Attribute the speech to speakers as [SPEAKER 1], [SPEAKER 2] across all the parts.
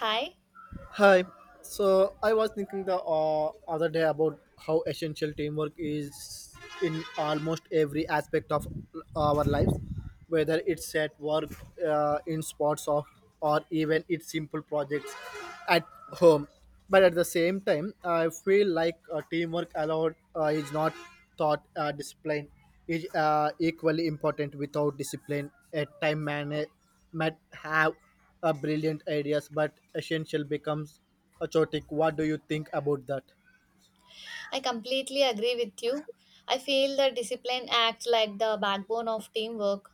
[SPEAKER 1] Hi,
[SPEAKER 2] Hi. So I was thinking the other day about how essential teamwork is in almost every aspect of our lives, whether it's at work, in sports, or even it's simple projects at home. But at the same time, I feel like teamwork allowed is not thought discipline is equally important without discipline. A time management might have a brilliant ideas, but essential becomes a chaotic. What do you think about that?
[SPEAKER 1] I completely agree with you. I feel that discipline acts like the backbone of teamwork.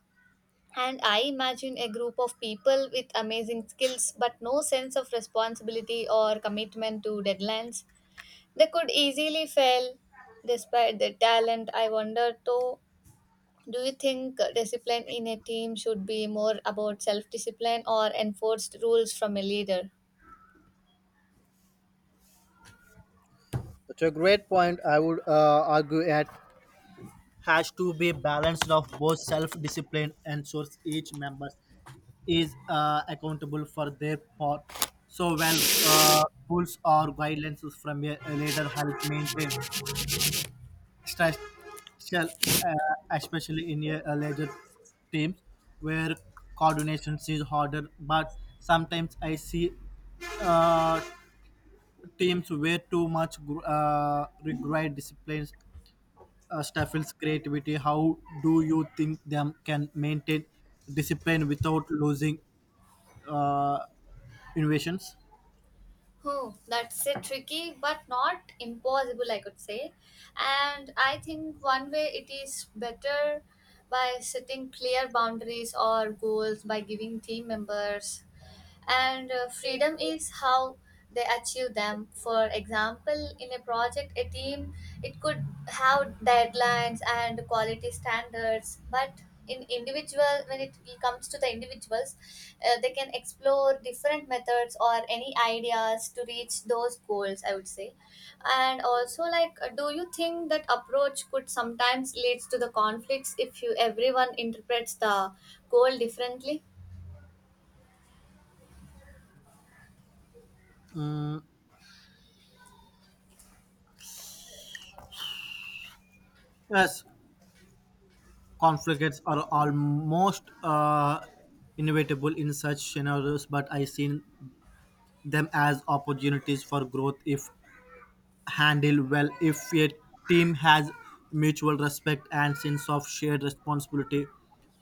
[SPEAKER 1] And I imagine a group of people with amazing skills but no sense of responsibility or commitment to deadlines. They could easily fail despite their talent. I wonder though, do you think discipline in a team should be more about self discipline or enforced rules from a leader?
[SPEAKER 2] That's a great point. I would argue it has to be balanced of both self-discipline and source each member is accountable for their part. So, well, rules or guidelines from a leader help maintain Special, uh, especially in a larger teams where coordination is harder. But sometimes I see uh, teams where too much require disciplines stifles creativity. How do you think them can maintain discipline without losing uh, innovations?
[SPEAKER 1] Hmm, that's a tricky but not impossible, I could say. And I think one way it is better by setting clear boundaries or goals by giving team members and freedom is how they achieve them. For example, in a project a team it could have deadlines and quality standards, but in individual when it comes to the individuals, they can explore different methods or any ideas to reach those goals, I would say. And also, like, do you think that approach could sometimes leads to the conflicts if you everyone interprets the goal differently?
[SPEAKER 2] Yes, conflicts are almost inevitable in such scenarios, but I seen them as opportunities for growth if handled well. If a team has mutual respect and sense of shared responsibility,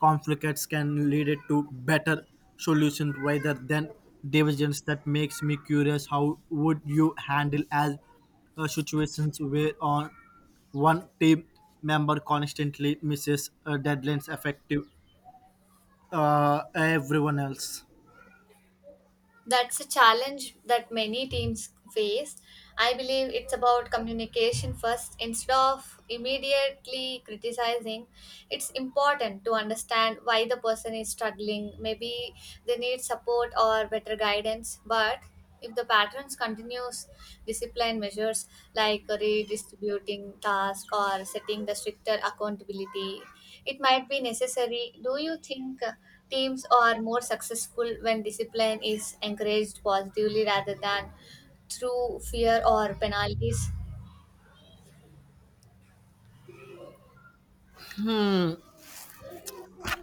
[SPEAKER 2] conflicts can lead to better solutions rather than divisions. That makes me curious. How would you handle as situations where on one team member constantly misses deadlines affecting everyone else?
[SPEAKER 1] That's a challenge that many teams face. I believe it's about communication first instead of immediately criticizing. It's important to understand why the person is struggling. Maybe they need support or better guidance, but if the patterns continues, discipline measures like redistributing tasks or setting the stricter accountability, it might be necessary. Do you think teams are more successful when discipline is encouraged positively rather than through fear or penalties?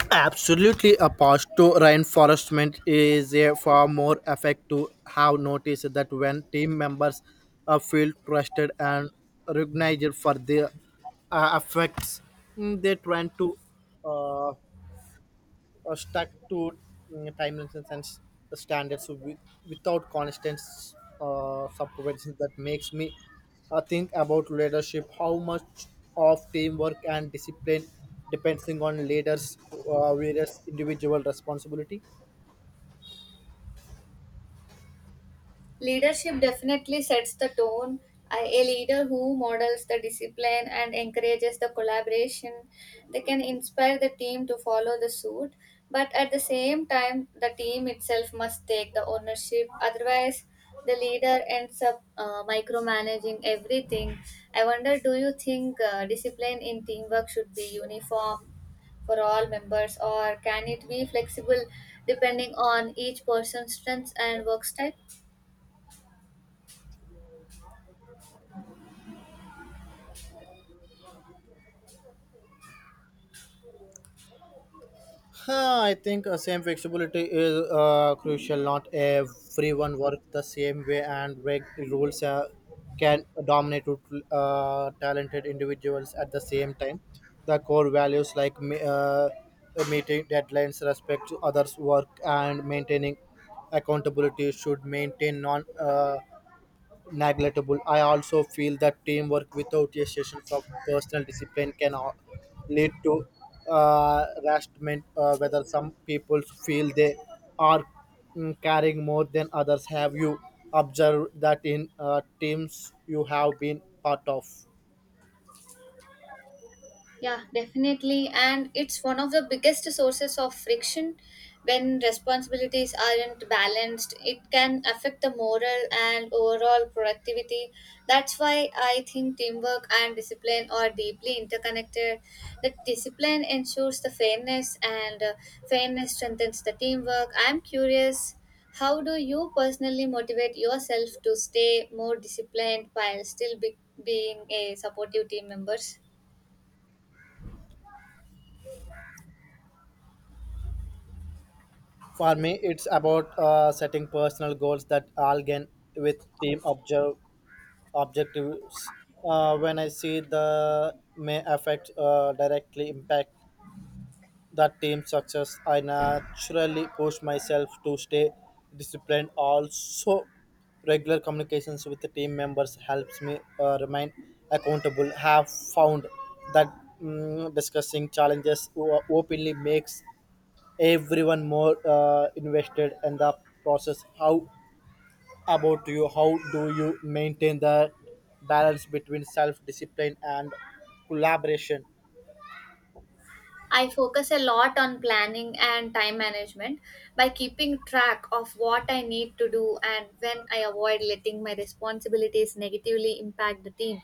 [SPEAKER 2] Absolutely, a path to reinforcement is a far more effective. Have noticed that when team members feel trusted and recognized for their effects, they tend to uh, stuck to timelines and standards without constant supervision that makes me think about leadership, how much of teamwork and discipline depends on leaders various individual responsibility.
[SPEAKER 1] Leadership definitely sets the tone. A leader who models the discipline and encourages the collaboration, they can inspire the team to follow the suit. But at the same time, the team itself must take the ownership. Otherwise, the leader ends up micromanaging everything. I wonder, do you think discipline in teamwork should be uniform for all members, or can it be flexible depending on each person's strengths and work style?
[SPEAKER 2] Huh, I think same flexibility is crucial. Not everyone works the same way, and rules can dominate talented individuals at the same time. The core values like meeting deadlines, respect to others' work, and maintaining accountability should maintain non. Neglectable. I also feel that teamwork without a session of personal discipline can lead to harassment, whether some people feel they are carrying more than others. Have you observed that in teams you have been part of?
[SPEAKER 1] Yeah, definitely. And it's one of the biggest sources of friction. When responsibilities aren't balanced, it can affect the moral and overall productivity. That's why I think teamwork and discipline are deeply interconnected. The discipline ensures the fairness, and fairness strengthens the teamwork. I'm curious, how do you personally motivate yourself to stay more disciplined while still being a supportive team members?
[SPEAKER 2] For me, it's about setting personal goals that align with team objectives when I see the may affect directly impact that team success. I naturally push myself to stay disciplined. Also, regular communications with the team members helps me remain accountable. Have found that discussing challenges openly makes everyone more invested in the process. How about you? How do you maintain the balance between self discipline and collaboration?
[SPEAKER 1] I focus a lot on planning and time management by keeping track of what I need to do and when I avoid letting my responsibilities negatively impact the team.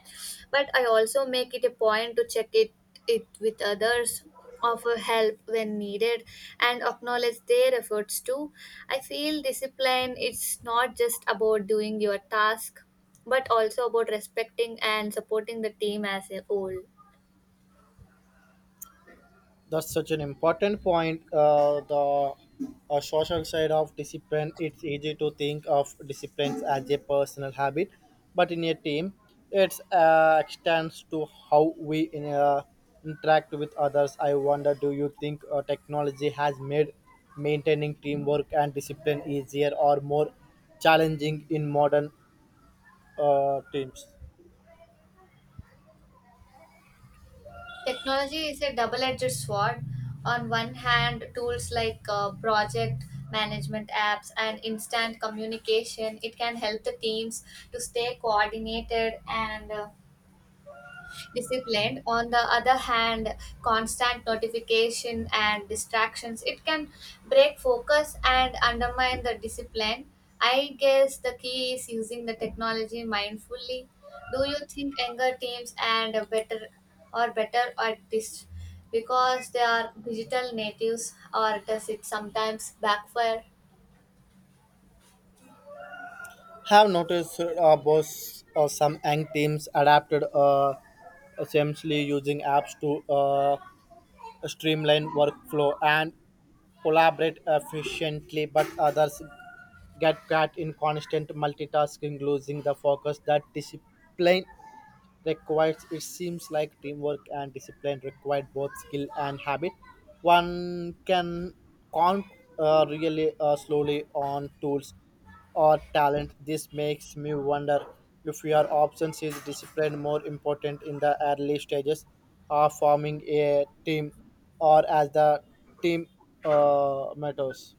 [SPEAKER 1] But I also make it a point to check it with others, offer help when needed, and acknowledge their efforts too. I feel discipline is not just about doing your task, but also about respecting and supporting the team as a whole.
[SPEAKER 2] That's such an important point. The social side of discipline. It's easy to think of discipline as a personal habit, but in a team, it extends to how we interact with others. I wonder, do you think technology has made maintaining teamwork and discipline easier or more challenging in modern teams?
[SPEAKER 1] Technology is a double edged sword. On one hand, tools like project management apps and instant communication, it can help the teams to stay coordinated and disciplined. On the other hand, constant notification and distractions, it can break focus and undermine the discipline. I guess the key is using the technology mindfully. Do you think younger teams and better or better at this because they are digital natives, or does it sometimes backfire?
[SPEAKER 2] Have noticed boss or some young teams adapted essentially using apps to streamline workflow and collaborate efficiently, but others get caught in constant multitasking, losing the focus that discipline requires. It seems like teamwork and discipline require both skill and habit. One can count really slowly on tools or talent. This makes me wonder, if your options is discipline more important in the early stages of forming a team or as the team matters.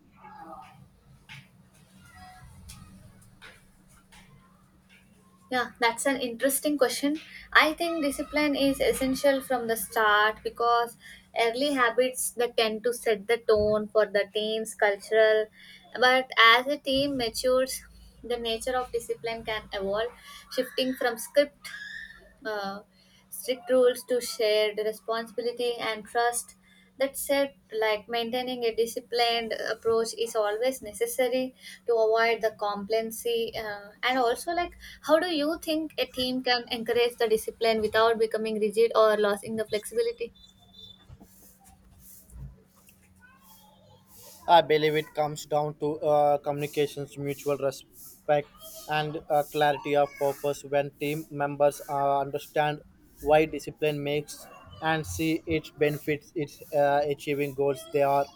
[SPEAKER 1] Yeah, that's an interesting question. I think discipline is essential from the start because early habits that tend to set the tone for the team's cultural. But as a team matures, the nature of discipline can evolve, shifting from script uh, strict rules to shared responsibility and trust. That said, like maintaining a disciplined approach is always necessary to avoid the complacency. And also, like, how do you think a team can encourage the discipline without becoming rigid or losing the flexibility?
[SPEAKER 2] I believe it comes down to communications, mutual respect, and clarity of purpose. When team members understand why discipline makes and see its benefits, its achieving goals, they are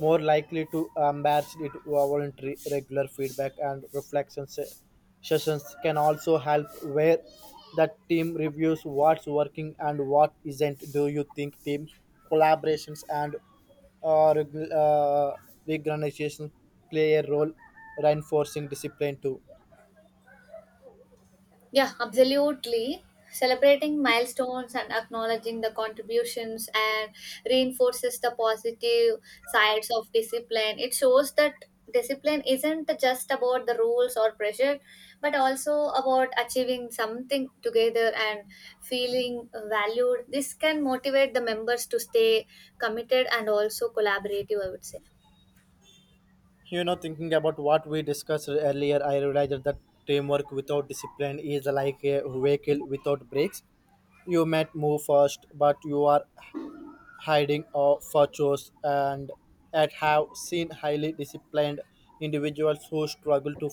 [SPEAKER 2] more likely to embrace it. Voluntary regular feedback and reflection sessions can also help, where the team reviews what's working and what isn't. Do you think team collaborations and uh, regu- uh, organizations play a role reinforcing discipline too?
[SPEAKER 1] Yeah, absolutely. Celebrating milestones and acknowledging the contributions and reinforces the positive sides of discipline. It shows that discipline isn't just about the rules or pressure, but also about achieving something together and feeling valued. This can motivate the members to stay committed and also collaborative, I would say.
[SPEAKER 2] You know, thinking about what we discussed earlier, I realized that teamwork without discipline is like a vehicle without brakes. You might move fast, but you are hiding or for chores, and at have seen highly disciplined individuals who struggle to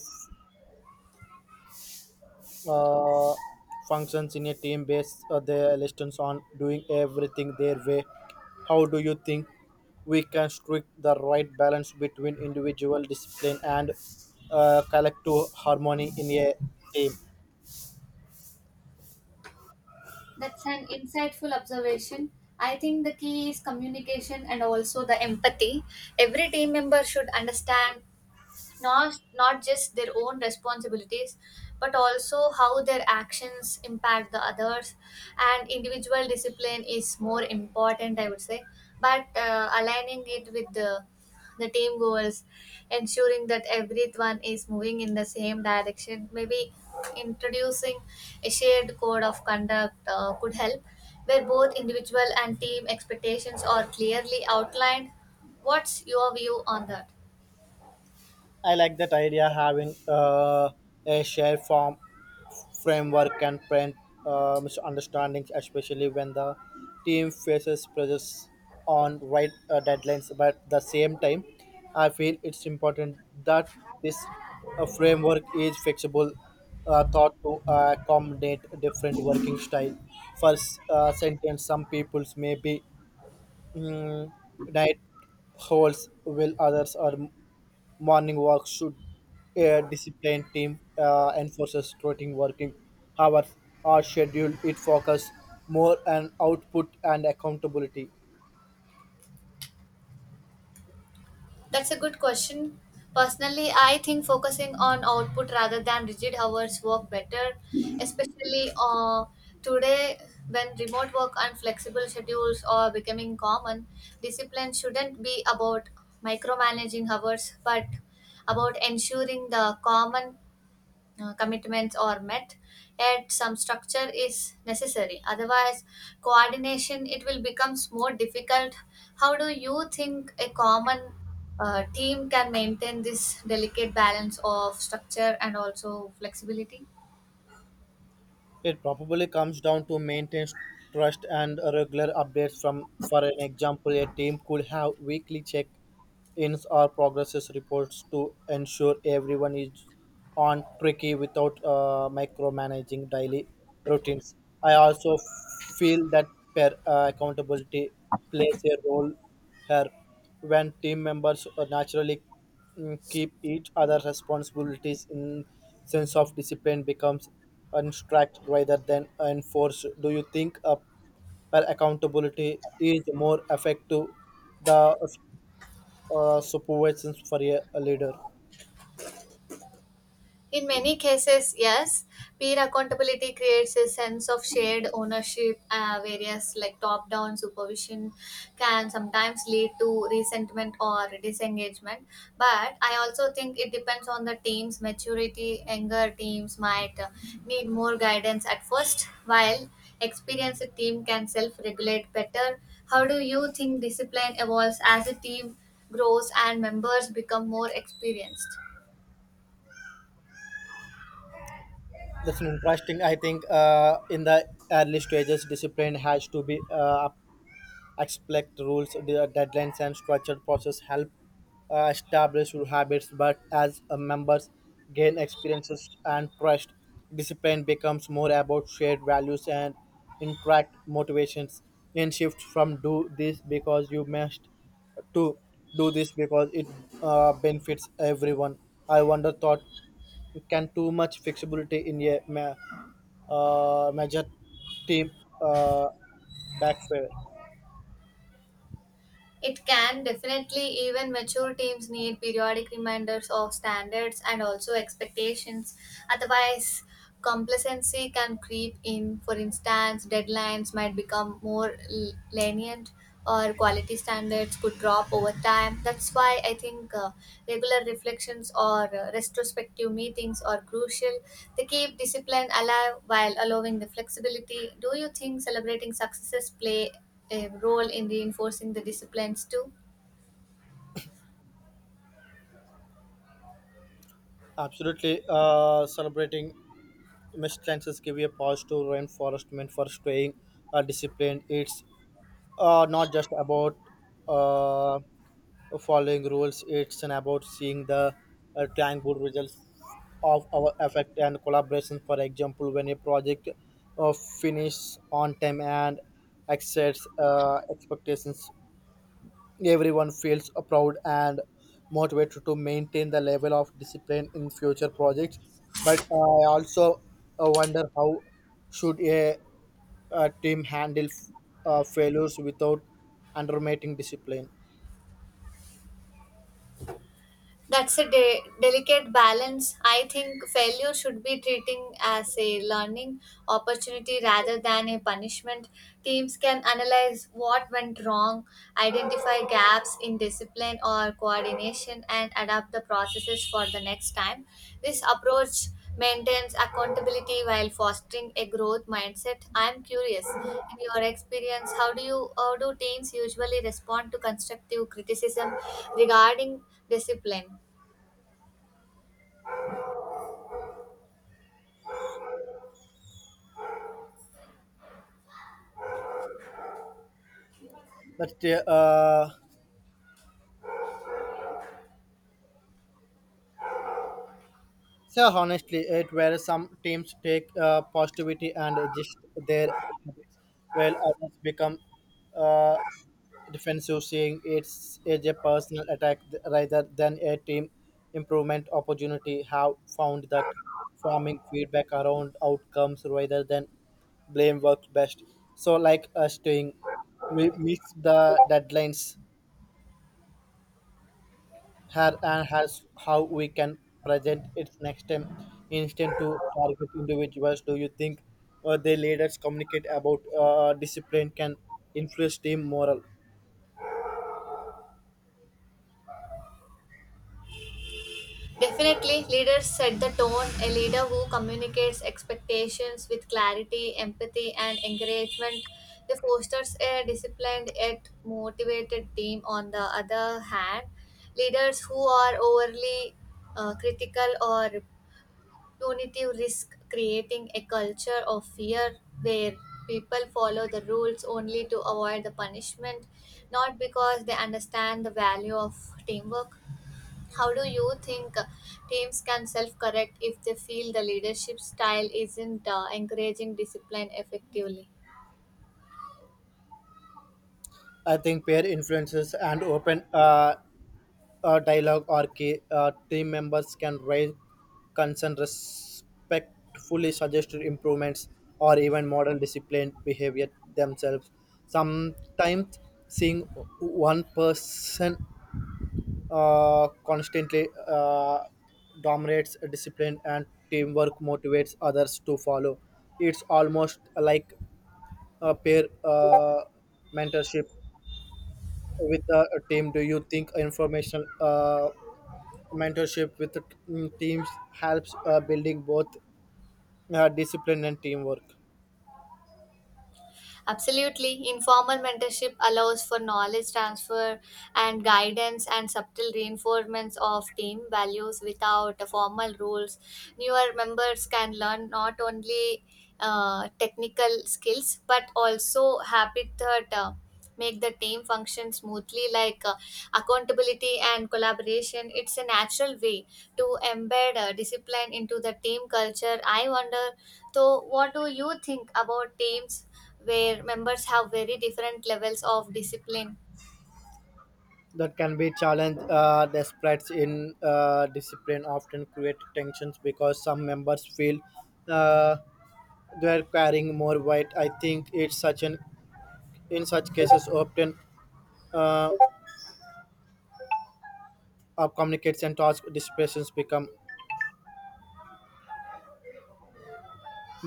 [SPEAKER 2] uh, functions in a team based their lessons on doing everything their way. How do you think we can strike the right balance between individual discipline and collective harmony in a team?
[SPEAKER 1] That's an insightful observation. I think the key is communication and also the empathy. Every team member should understand not just their own responsibilities but also how their actions impact the others. And individual discipline is more important, I would say, but aligning it with the team goals, ensuring that everyone is moving in the same direction. Maybe introducing a shared code of conduct could help, where both individual and team expectations are clearly outlined. What's your view on that?
[SPEAKER 2] I like that idea, having a shared form framework and prevent misunderstandings, especially when the team faces pressures on right deadlines. But at the same time, I feel it's important that this framework is flexible, thought to accommodate different working style. First sentence: Some people's may be mm, night holes, while others are morning work. Should a disciplined team enforces routine working hours are scheduled, it focus more on output and accountability?
[SPEAKER 1] That's a good question. Personally, I think focusing on output rather than rigid hours work better, especially today when remote work and flexible schedules are becoming common. Discipline shouldn't be about micromanaging hours, but about ensuring the common commitments are met. Yet some structure is necessary, otherwise coordination it will becomes more difficult. How do you think a common team can maintain this delicate balance of structure and also flexibility?
[SPEAKER 2] It probably comes down to maintenance, trust, and regular updates. From, for an example, a team could have weekly check ins or progress reports to ensure everyone is on track without micromanaging daily routines. I also feel that accountability plays a role here. When team members naturally keep each other responsibilities, in sense of discipline becomes unstruct rather than enforced. Do you think a per accountability is more effective the supervisions for a leader?
[SPEAKER 1] In many cases, yes, peer accountability creates a sense of shared ownership. Various like top-down supervision can sometimes lead to resentment or disengagement. But I also think it depends on the team's maturity. Younger teams might need more guidance at first, while experienced team can self-regulate better. How do you think discipline evolves as a team grows and members become more experienced?
[SPEAKER 2] That's an interesting. I think in the early stages discipline has to be expect rules, deadlines, and structured process help establish your habits. But as members gain experiences and trust, discipline becomes more about shared values and interact motivations. And shift from do this because you must, to do this because it benefits everyone. I wonder thought, can too much flexibility in a major team uh, backfire?
[SPEAKER 1] It can definitely, even mature teams need periodic reminders of standards and also expectations. Otherwise, complacency can creep in. For instance, deadlines might become more lenient or quality standards could drop over time. That's why I think regular reflections or retrospective meetings are crucial. They keep discipline alive while allowing the flexibility. Do you think celebrating successes play a role in reinforcing the disciplines too?
[SPEAKER 2] Absolutely. Celebrating missed give you a pause to reinforcement for staying disciplined. It's not just about uh, following rules, it's an about seeing the tangible results of our effort and collaboration. For example, when a project uh, finishes on time and exceeds expectations, everyone feels proud and motivated to maintain the level of discipline in future projects. But I also wonder, how should a team handle failures without undermining discipline?
[SPEAKER 1] That's a delicate balance. I think failure should be treating as a learning opportunity rather than a punishment. Teams can analyze what went wrong, identify gaps in discipline or coordination, and adapt the processes for the next time. This approach maintains accountability while fostering a growth mindset. I'm curious, in your experience, how do teams usually respond to constructive criticism regarding discipline.
[SPEAKER 2] But uh, So honestly, it where some teams take positivity and adjust their habits, while others become uh, defensive, seeing it's as a personal attack rather than a team improvement opportunity. Have found that forming feedback around outcomes rather than blame works best. So, like us doing, we miss the deadlines her and has how we can present it next time instead to target individuals. Do you think the leaders communicate about discipline can influence team morale?
[SPEAKER 1] Definitely, leaders set the tone. A leader who communicates expectations with clarity, empathy, and encouragement. They fosters a disciplined yet motivated team. On the other hand, leaders who are overly critical or punitive risk creating a culture of fear where people follow the rules only to avoid the punishment, not because they understand the value of teamwork. How do you think teams can self correct if they feel the leadership style isn't encouraging discipline effectively?
[SPEAKER 2] I think peer influences and open dialogue are key. Uh, team members can raise concern respectfully, suggest improvements, or even model disciplined behavior themselves. Sometimes seeing one person constantly dominates discipline and teamwork motivates others to follow. It's almost like a peer mentorship with a team. Do you think information mentorship with teams helps building both discipline and teamwork?
[SPEAKER 1] Absolutely. Informal mentorship allows for knowledge transfer and guidance and subtle reinforcements of team values without formal rules. Newer members can learn not only technical skills but also habit that make the team function smoothly, like accountability and collaboration. It's a natural way to embed discipline into the team culture. I wonder, so what do you think about teams where members have very different levels of discipline?
[SPEAKER 2] That can be challenged. Despite in discipline often create tensions because some members feel uh, they are carrying more weight. I think it's such an in such cases often uh, of communicates and task dispersions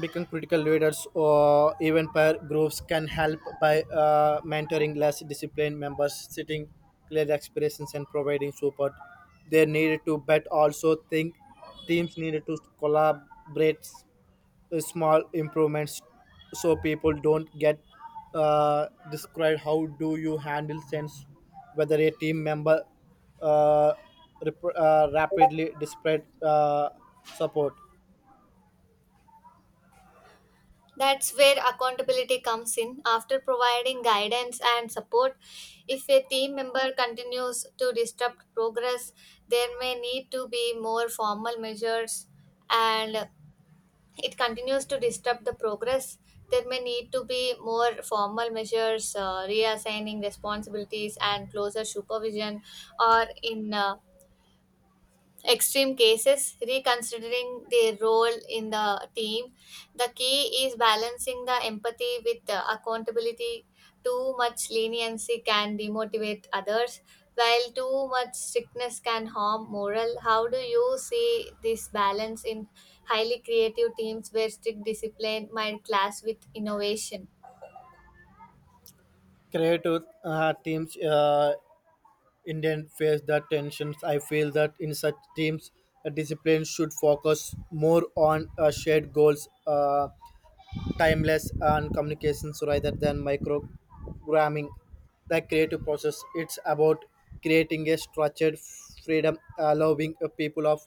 [SPEAKER 2] become critical. Leaders or even peer groups can help by mentoring less disciplined members, setting clear expectations and providing support they needed to. But also think teams needed to collaborate small improvements so people don't get described. How do you handle sense whether a team member uh, rapidly displayed support?
[SPEAKER 1] That's where accountability comes in. After providing guidance and support, if a team member continues to disrupt progress, there may need to be more formal measures. And it continues to disturb the progress, there may need to be more formal measures, reassigning responsibilities, and closer supervision, or in extreme cases, reconsidering their role in the team. The key is balancing the empathy with the accountability. Too much leniency can demotivate others, while too much strictness can harm morale. How do you see this balance in highly creative teams where strict discipline might clash with innovation?
[SPEAKER 2] Creative teams indian face the tensions. I feel that in such teams a discipline should focus more on shared goals, timeless and communications rather than microgramming the creative process. It's about creating a structured freedom, allowing a people of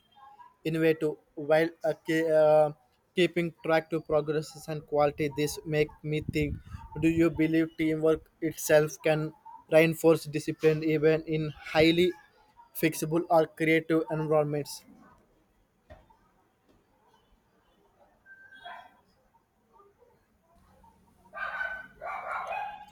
[SPEAKER 2] innovative while keeping track to progresses and quality. This make me think, do you believe teamwork itself can reinforce discipline even in highly fixable or creative environments?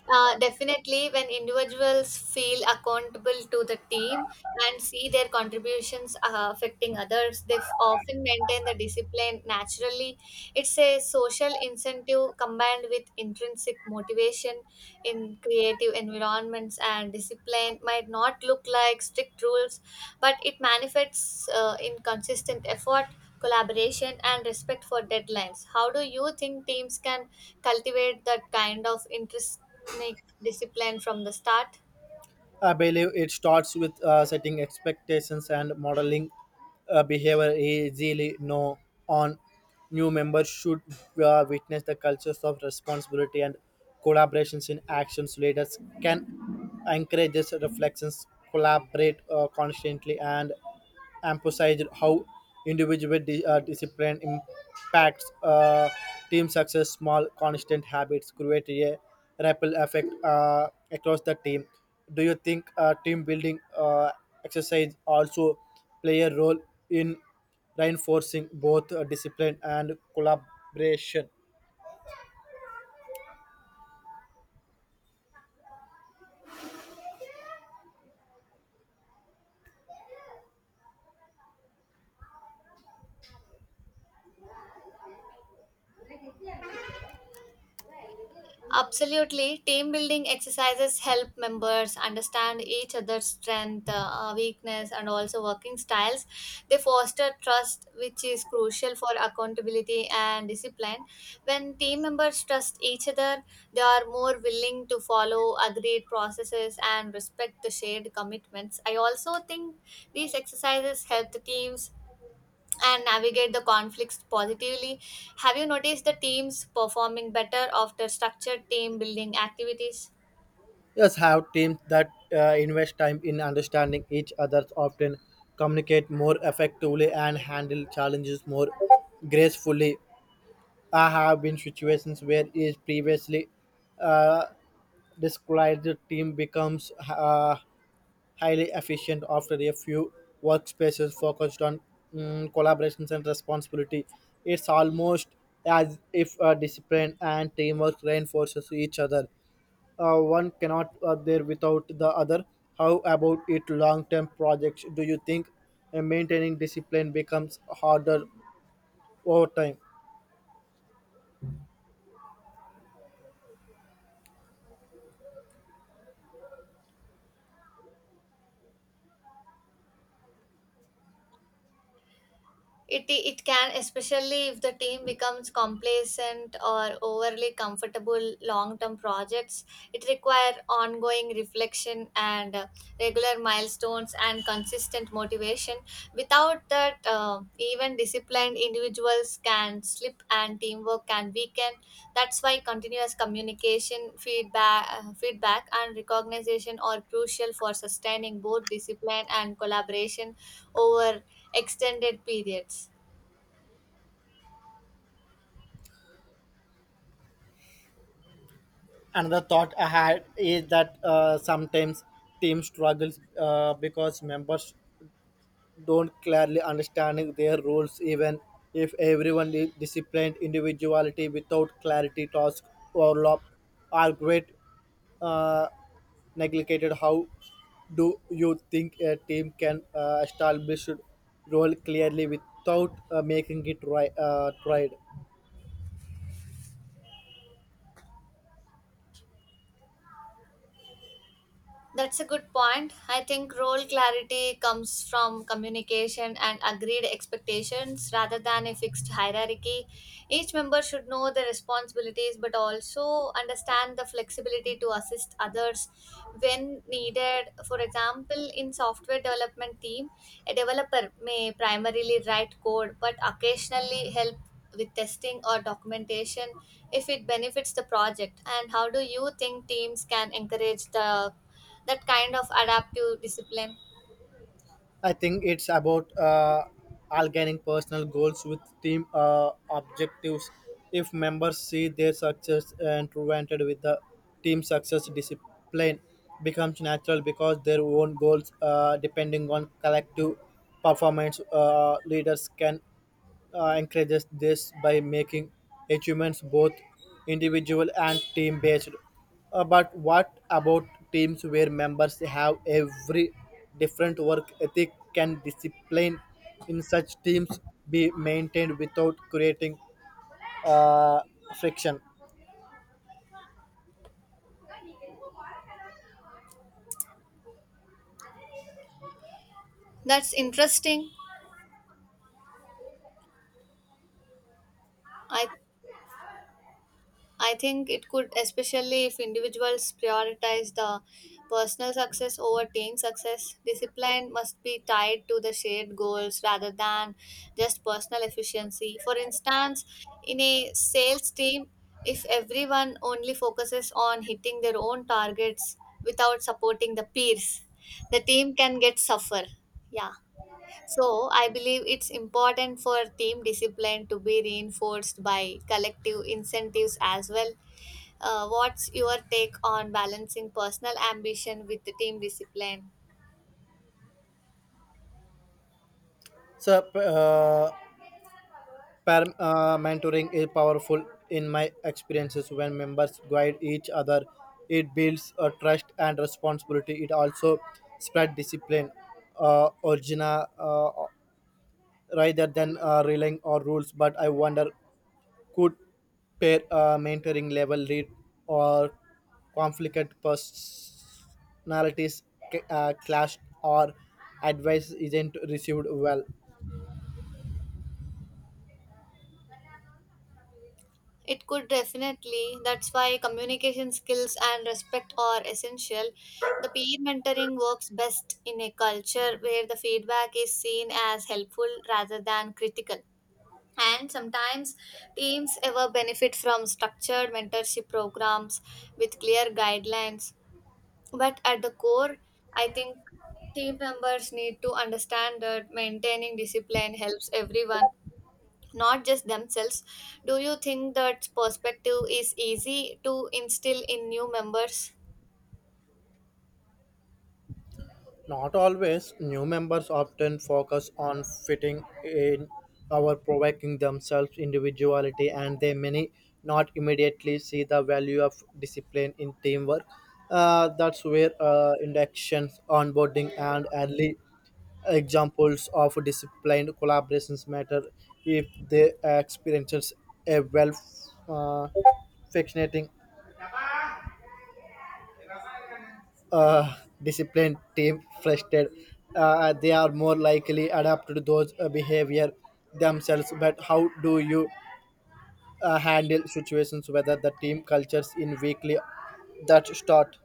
[SPEAKER 1] Definitely, when individuals feel accountable to the team and see their contributions affecting others, they often maintain the discipline naturally. It's a social incentive combined with intrinsic motivation in creative environments, and discipline might not look like strict rules, but it manifests in consistent effort. Collaboration and respect for deadlines. How do you think teams can cultivate that kind of interest like discipline from the start?
[SPEAKER 2] I believe it starts with setting expectations and modeling behavior easily. No on, new members should witness the cultures of responsibility and collaborations in actions. Leaders can encourage these reflections, collaborate constantly, and emphasized how individual discipline impacts team success. Small, constant habits create a ripple effect across the team. Do you think team building exercise also play a role in reinforcing both discipline and collaboration?
[SPEAKER 1] Absolutely, team building exercises help members understand each other's strength, weakness and also working styles. They foster trust, which is crucial for accountability and discipline. When team members trust each other, they are more willing to follow agreed processes and respect the shared commitments. I also think these exercises help the teams and navigate the conflicts positively. Have you noticed the teams performing better after structured team building activities?
[SPEAKER 2] Yes, have teams that invest time in understanding each other often communicate more effectively and handle challenges more gracefully. I have been situations where is previously uh, described the team becomes highly efficient after a few workspaces focused on collaborations and responsibility. It's almost as if discipline and teamwork reinforces each other. One cannot there without the other. How about it long-term projects? Do you think maintaining discipline becomes harder over time?
[SPEAKER 1] It can, especially if the team becomes complacent or overly comfortable. Long term projects, it require ongoing reflection and regular milestones and consistent motivation. Without that, even disciplined individuals can slip and teamwork can weaken. That's why continuous communication, feedback and recognition are crucial for sustaining both discipline and collaboration over extended periods.
[SPEAKER 2] Another thought I had is that sometimes team struggles because members don't clearly understand their roles, even if everyone is disciplined individuality without clarity, task overlap are great uh, neglected. How do you think a team can establish role clearly without making it tried?
[SPEAKER 1] That's a good point. I think role clarity comes from communication and agreed expectations rather than a fixed hierarchy. Each member should know their responsibilities but also understand the flexibility to assist others when needed. For example, in software development team, a developer may primarily write code but occasionally help with testing or documentation if it benefits the project. And how do you think teams can encourage the that kind of adaptive discipline?
[SPEAKER 2] I think it's about aligning personal goals with team objectives. If members see their success intertwined with the team success, discipline becomes natural because their own goals, depending on collective performance, leaders can encourages this by making achievements both individual and team based. But what about teams where members have every different work ethic? Can discipline in such teams be maintained without creating uh, friction?
[SPEAKER 1] That's interesting. I i think it could, especially if individuals prioritize the personal success over team success. Discipline must be tied to the shared goals rather than just personal efficiency. For instance, in a sales team, if everyone only focuses on hitting their own targets without supporting the peers, the team can get suffer. Yeah. So, I believe it's important for team discipline to be reinforced by collective incentives as well. What's your take on balancing personal ambition with the team discipline?
[SPEAKER 2] So, uh, Mentoring is powerful in my experiences when members guide each other. It builds a trust and responsibility. It also spread discipline, uh, origina, uh, rather than relying on rules. But I wonder, could pair mentoring level lead or conflict personalities clash or advice isn't received well?
[SPEAKER 1] It could definitely. That's why communication skills and respect are essential. The peer mentoring works best in a culture where the feedback is seen as helpful rather than critical. And sometimes teams ever benefit from structured mentorship programs with clear guidelines. But at the core, I think team members need to understand that maintaining discipline helps everyone, not just themselves. Do you think that perspective is easy to instill in new members?
[SPEAKER 2] Not always. New members often focus on fitting in or provoking themselves individuality, and they may not immediately see the value of discipline in teamwork. That's where inductions, onboarding, and early examples of disciplined collaborations matter if they experiences a well uh, fascinating uh, disciplined team frustrated they are more likely adapt to those behavior themselves. But how do you handle situations whether the team cultures in weekly that start.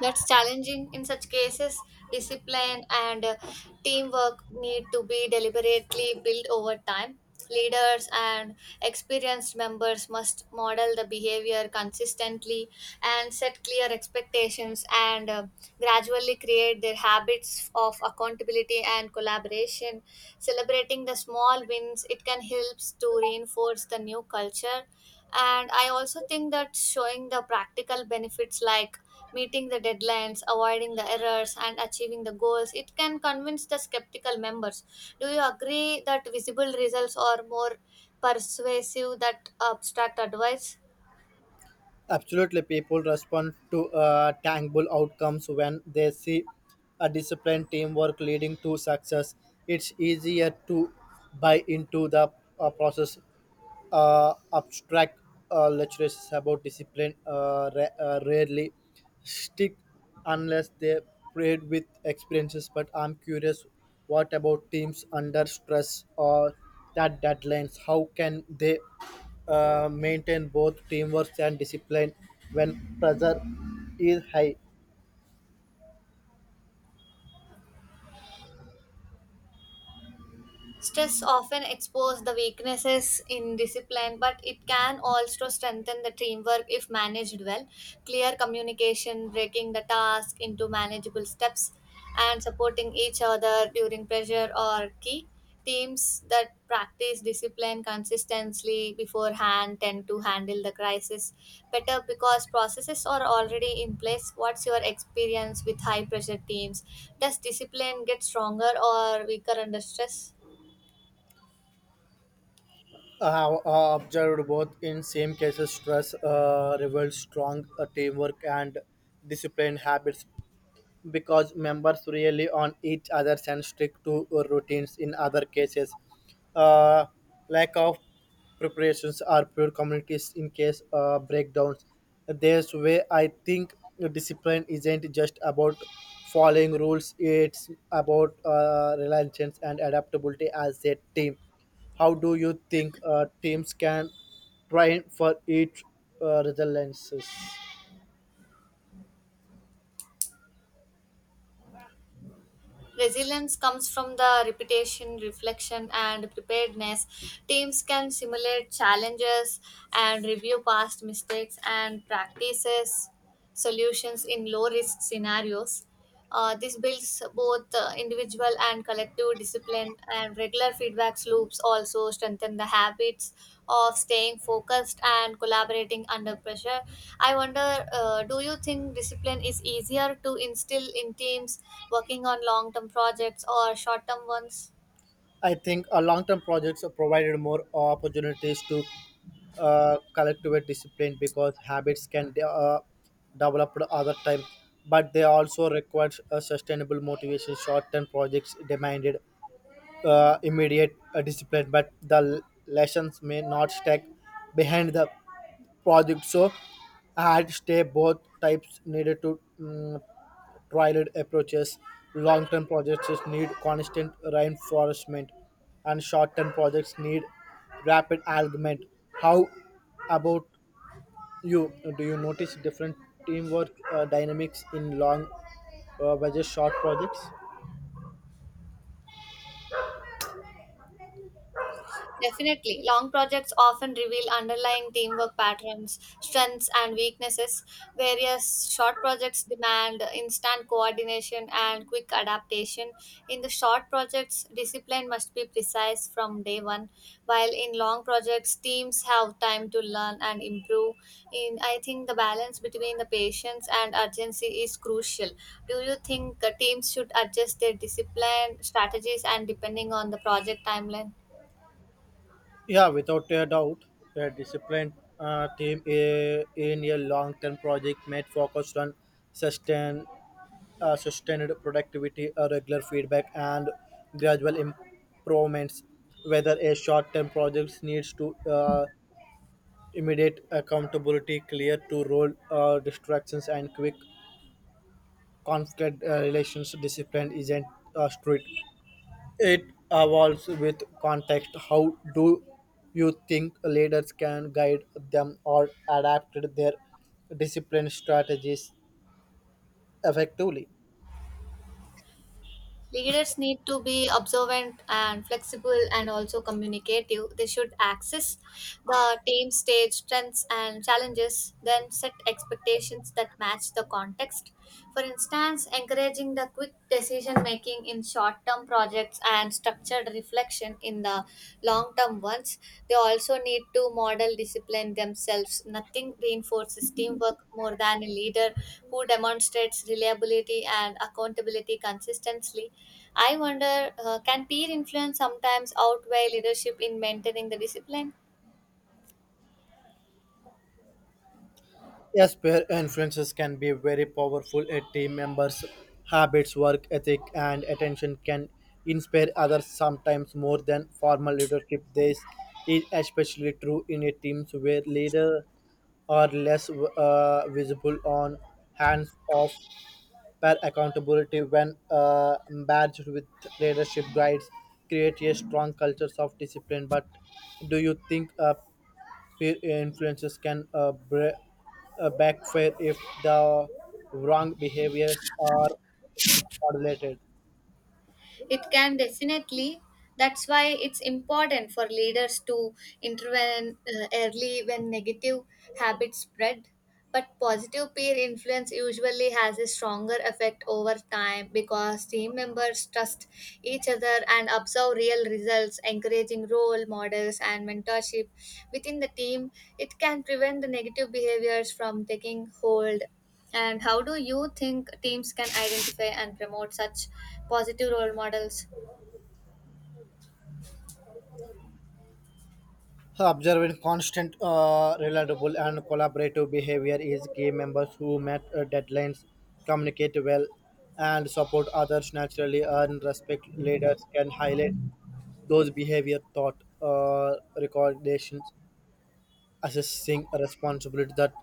[SPEAKER 1] That's challenging in such cases. Discipline and teamwork need to be deliberately built over time. Leaders and experienced members must model the behavior consistently and set clear expectations and gradually create their habits of accountability and collaboration. Celebrating the small wins, it can help to reinforce the new culture. And I also think that showing the practical benefits like meeting the deadlines, avoiding the errors, and achieving the goals. It can convince the skeptical members. Do you agree that visible results are more persuasive than abstract advice?
[SPEAKER 2] Absolutely, people respond to tangible outcomes. When they see a disciplined teamwork leading to success, it's easier to buy into the process. Abstract lectures about discipline rarely stick unless they're paired with experiences. But I'm curious, what about teams under stress or that deadlines? How can they maintain both teamwork and discipline when pressure is high?
[SPEAKER 1] Stress often exposes the weaknesses in discipline, but it can also strengthen the teamwork if managed well. Clear communication, breaking the task into manageable steps, and supporting each other during pressure are key. Teams that practice discipline consistently beforehand tend to handle the crisis better because processes are already in place. What's your experience with high pressure teams? Does discipline get stronger or weaker under stress?
[SPEAKER 2] I have observed both. In same cases stress reveals strong teamwork and discipline habits because members rely on each other and stick to routines. In other cases, uh, lack of preparations or poor communities in case breakdowns. This way, I think discipline isn't just about following rules; it's about reliance and adaptability as a team. How do you think teams can train for each resiliences?
[SPEAKER 1] Resilience comes from the repetition, reflection, and preparedness. Teams can simulate challenges and review past mistakes and practices solutions in low risk scenarios. This builds both individual and collective discipline, and regular feedback loops also strengthen the habits of staying focused and collaborating under pressure. I wonder, do you think discipline is easier to instill in teams working on long term projects or short term ones?
[SPEAKER 2] I think a long-term projects are provided more opportunities to collective discipline because habits can develop other time, but they also require a sustainable motivation. Short-term projects demanded immediate discipline, but the lessons may not stack behind the project. So, I had stay both types needed to trialed approaches. Long term projects need constant reinforcement, and short term projects need rapid alignment. How about you? Do you notice different teamwork dynamics in long versus short projects?
[SPEAKER 1] Definitely. Long projects often reveal underlying teamwork patterns, strengths, and weaknesses, whereas short projects demand instant coordination and quick adaptation. In the short projects, discipline must be precise from day 1, while in long projects, teams have time to learn and improve. In I think the balance between the patience and urgency is crucial. Do you think teams should adjust their discipline strategies and depending on the project timeline?
[SPEAKER 2] Yeah, without a doubt, a disciplined team in a long-term project might focus on sustain sustained productivity, regular feedback, and gradual improvements. Whether a short-term project needs to immediate accountability, clear to role distractions, and quick conflict relations, discipline isn't strict. It evolves with context. How do you think leaders can guide them or adapt their discipline strategies effectively?
[SPEAKER 1] Leaders need to be observant and flexible and also communicative. They should access the team stage strengths and challenges, then set expectations that match the context. For instance, encouraging the quick decision making in short term projects and structured reflection in the long term ones. They also need to model discipline themselves. Nothing reinforces teamwork more than a leader who demonstrates reliability and accountability consistently. I wonder, can peer influence sometimes outweigh leadership in maintaining the discipline?
[SPEAKER 2] Yes, peer influences can be very powerful. A team member's habits, work ethic, and attention can inspire others sometimes more than formal leadership. This is especially true in a teams where leaders are less visible on hands off per accountability when badged with leadership guides create a strong culture of discipline. But do you think peer influences can backfire if the wrong behaviors are moderated?
[SPEAKER 1] It can definitely. That's why it's important for leaders to intervene early when negative habits spread. But positive peer influence usually has a stronger effect over time because team members trust each other and observe real results, encouraging role models and mentorship within the team. It can prevent the negative behaviors from taking hold. And how do you think teams can identify and promote such positive role models?
[SPEAKER 2] Observing constant, reliable, and collaborative behavior is key. Members who meet deadlines, communicate well, and support others naturally earn respect. Leaders can highlight those behavior thought recommendations assessing a responsibility that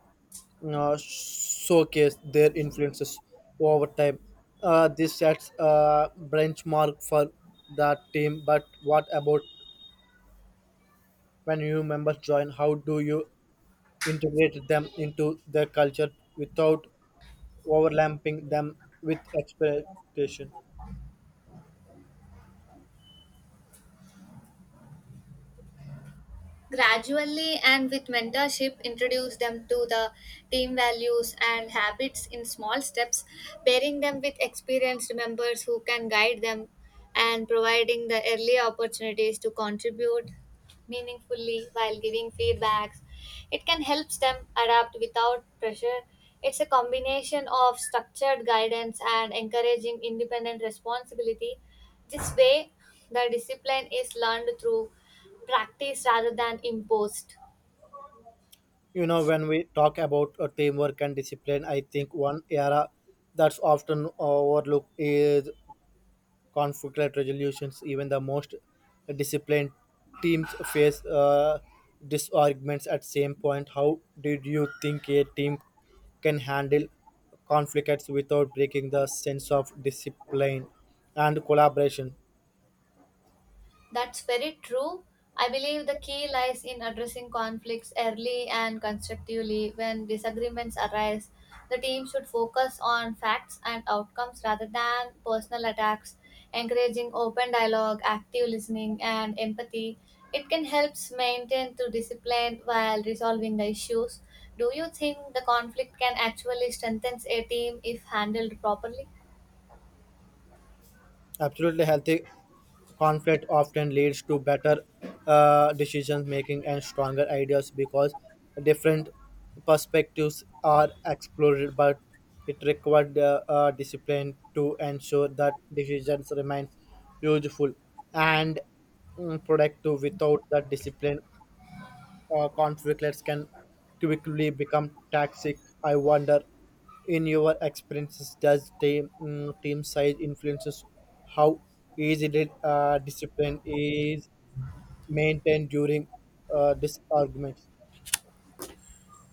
[SPEAKER 2] showcase their influences over time. This sets a benchmark for that team. But what about when new members join? How do you integrate them into the culture without overlapping them with expectation?
[SPEAKER 1] Gradually and with mentorship, introduce them to the team values and habits in small steps, pairing them with experienced members who can guide them and providing the early opportunities to contribute meaningfully while giving feedbacks. It can help them adapt without pressure. It's a combination of structured guidance and encouraging independent responsibility. This way, the discipline is learned through practice rather than imposed.
[SPEAKER 2] You know, when we talk about teamwork and discipline, I think one era that's often overlooked is conflict resolutions. Even the most disciplined teams face disarguments at same point. How did you think a team can handle conflicts without breaking the sense of discipline and collaboration?
[SPEAKER 1] That's very true. I believe the key lies in addressing conflicts early and constructively when disagreements arise. The team should focus on facts and outcomes rather than personal attacks, encouraging open dialogue, active listening, and empathy. It can help maintain the discipline while resolving the issues. Do you think the conflict can actually strengthen a team if handled properly?
[SPEAKER 2] Absolutely, healthy conflict often leads to better decision making and stronger ideas because different perspectives are explored, but it required discipline to ensure that decisions remain useful and productive. Without that discipline conflicts can quickly become toxic. I wonder, in your experiences, does team size influences how easily discipline is maintained during these arguments?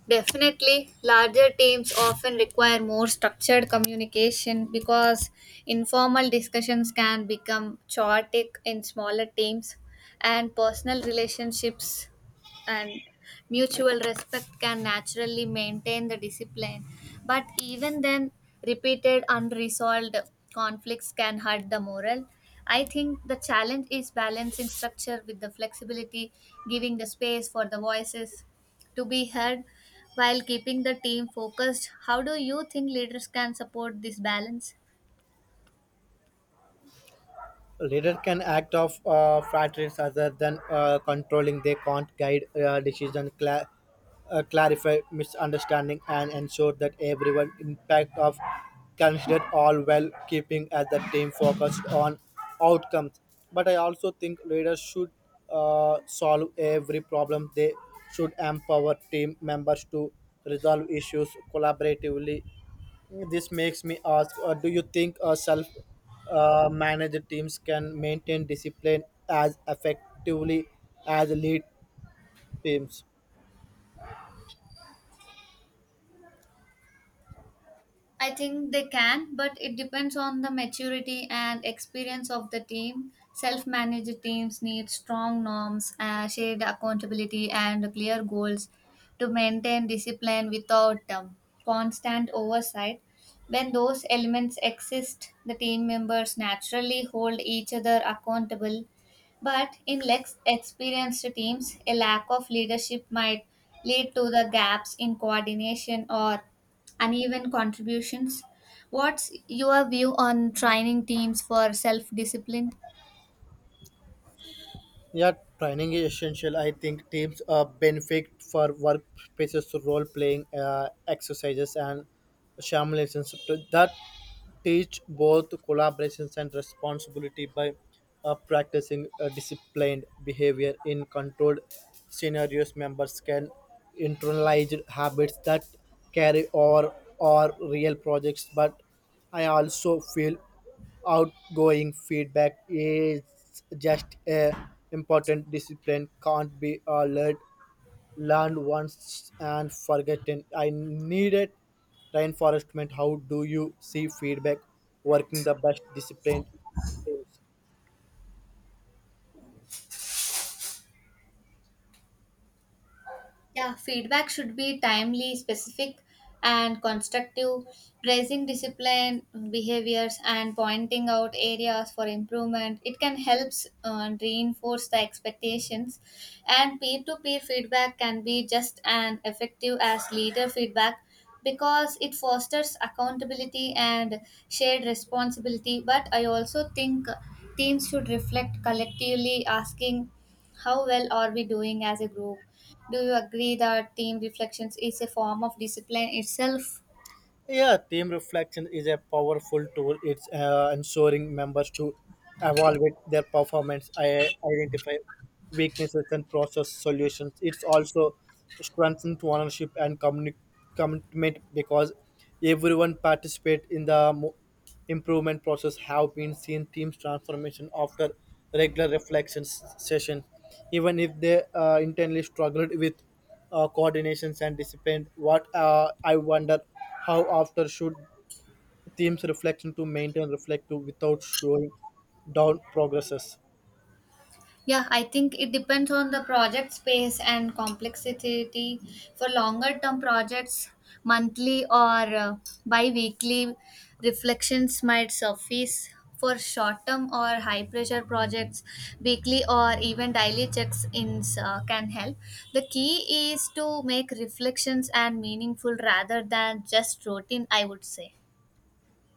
[SPEAKER 1] Definitely, larger teams often require more structured communication because informal discussions can become chaotic in smaller teams, and personal relationships and mutual respect can naturally maintain the discipline. But even then, repeated unresolved conflicts can hurt the morale. I think the challenge is balancing structure with the flexibility, giving the space for the voices to be heard while keeping the team focused. How do you think leaders can support this balance?
[SPEAKER 2] Leader can act of factors other than controlling. They can't guide decision clarify misunderstanding and ensure that everyone impact of considered all while keeping as the team focused on outcomes. But I also think leaders should solve every problem. They should empower team members to resolve issues collaboratively. This makes me ask, do you think self managed teams can maintain discipline as effectively as lead teams?
[SPEAKER 1] I think they can, but it depends on the maturity and experience of the team. Self managed teams need strong norms, shared accountability, and clear goals to maintain discipline without constant oversight. When those elements exist, the team members naturally hold each other accountable. But in less experienced teams, a lack of leadership might lead to the gaps in coordination or uneven contributions. What's your view on training teams for self discipline?
[SPEAKER 2] Yeah, training is essential. I think teams benefit for workplaces, role playing exercises, and simulations so that teach both collaborations and responsibility by practicing disciplined behavior in controlled scenarios. Members can internalize habits that carry over or real projects, but I also feel outgoing feedback is just a important. Discipline can't be learned once and forgotten. I needed reinforcement. How do you see feedback working the best disciplined teams?
[SPEAKER 1] Yeah, feedback should be timely, specific, and constructive, praising discipline, behaviors, and pointing out areas for improvement. It can help reinforce the expectations, and peer to peer feedback can be just as effective as leader feedback because it fosters accountability and shared responsibility. But I also think teams should reflect collectively, asking how well are we doing as a group? Do you agree that team reflections is a form of discipline itself?
[SPEAKER 2] Yeah, team reflection is a powerful tool. It's ensuring members to evaluate their performance, identify weaknesses, and process solutions. It's also strengthens ownership and commitment because everyone participate in the improvement process. Have been seen teams transformation after regular reflection session, even if they internally struggled with coordinations and discipline. What I wonder how after should teams reflection to maintain reflective without showing down progresses.
[SPEAKER 1] Yeah, I think it depends on the project space and complexity. For longer term projects, monthly or bi weekly reflections might suffice. For short term or high pressure projects, weekly or even daily checks ins can help. The key is to make reflections and meaningful rather than just routine, I would say.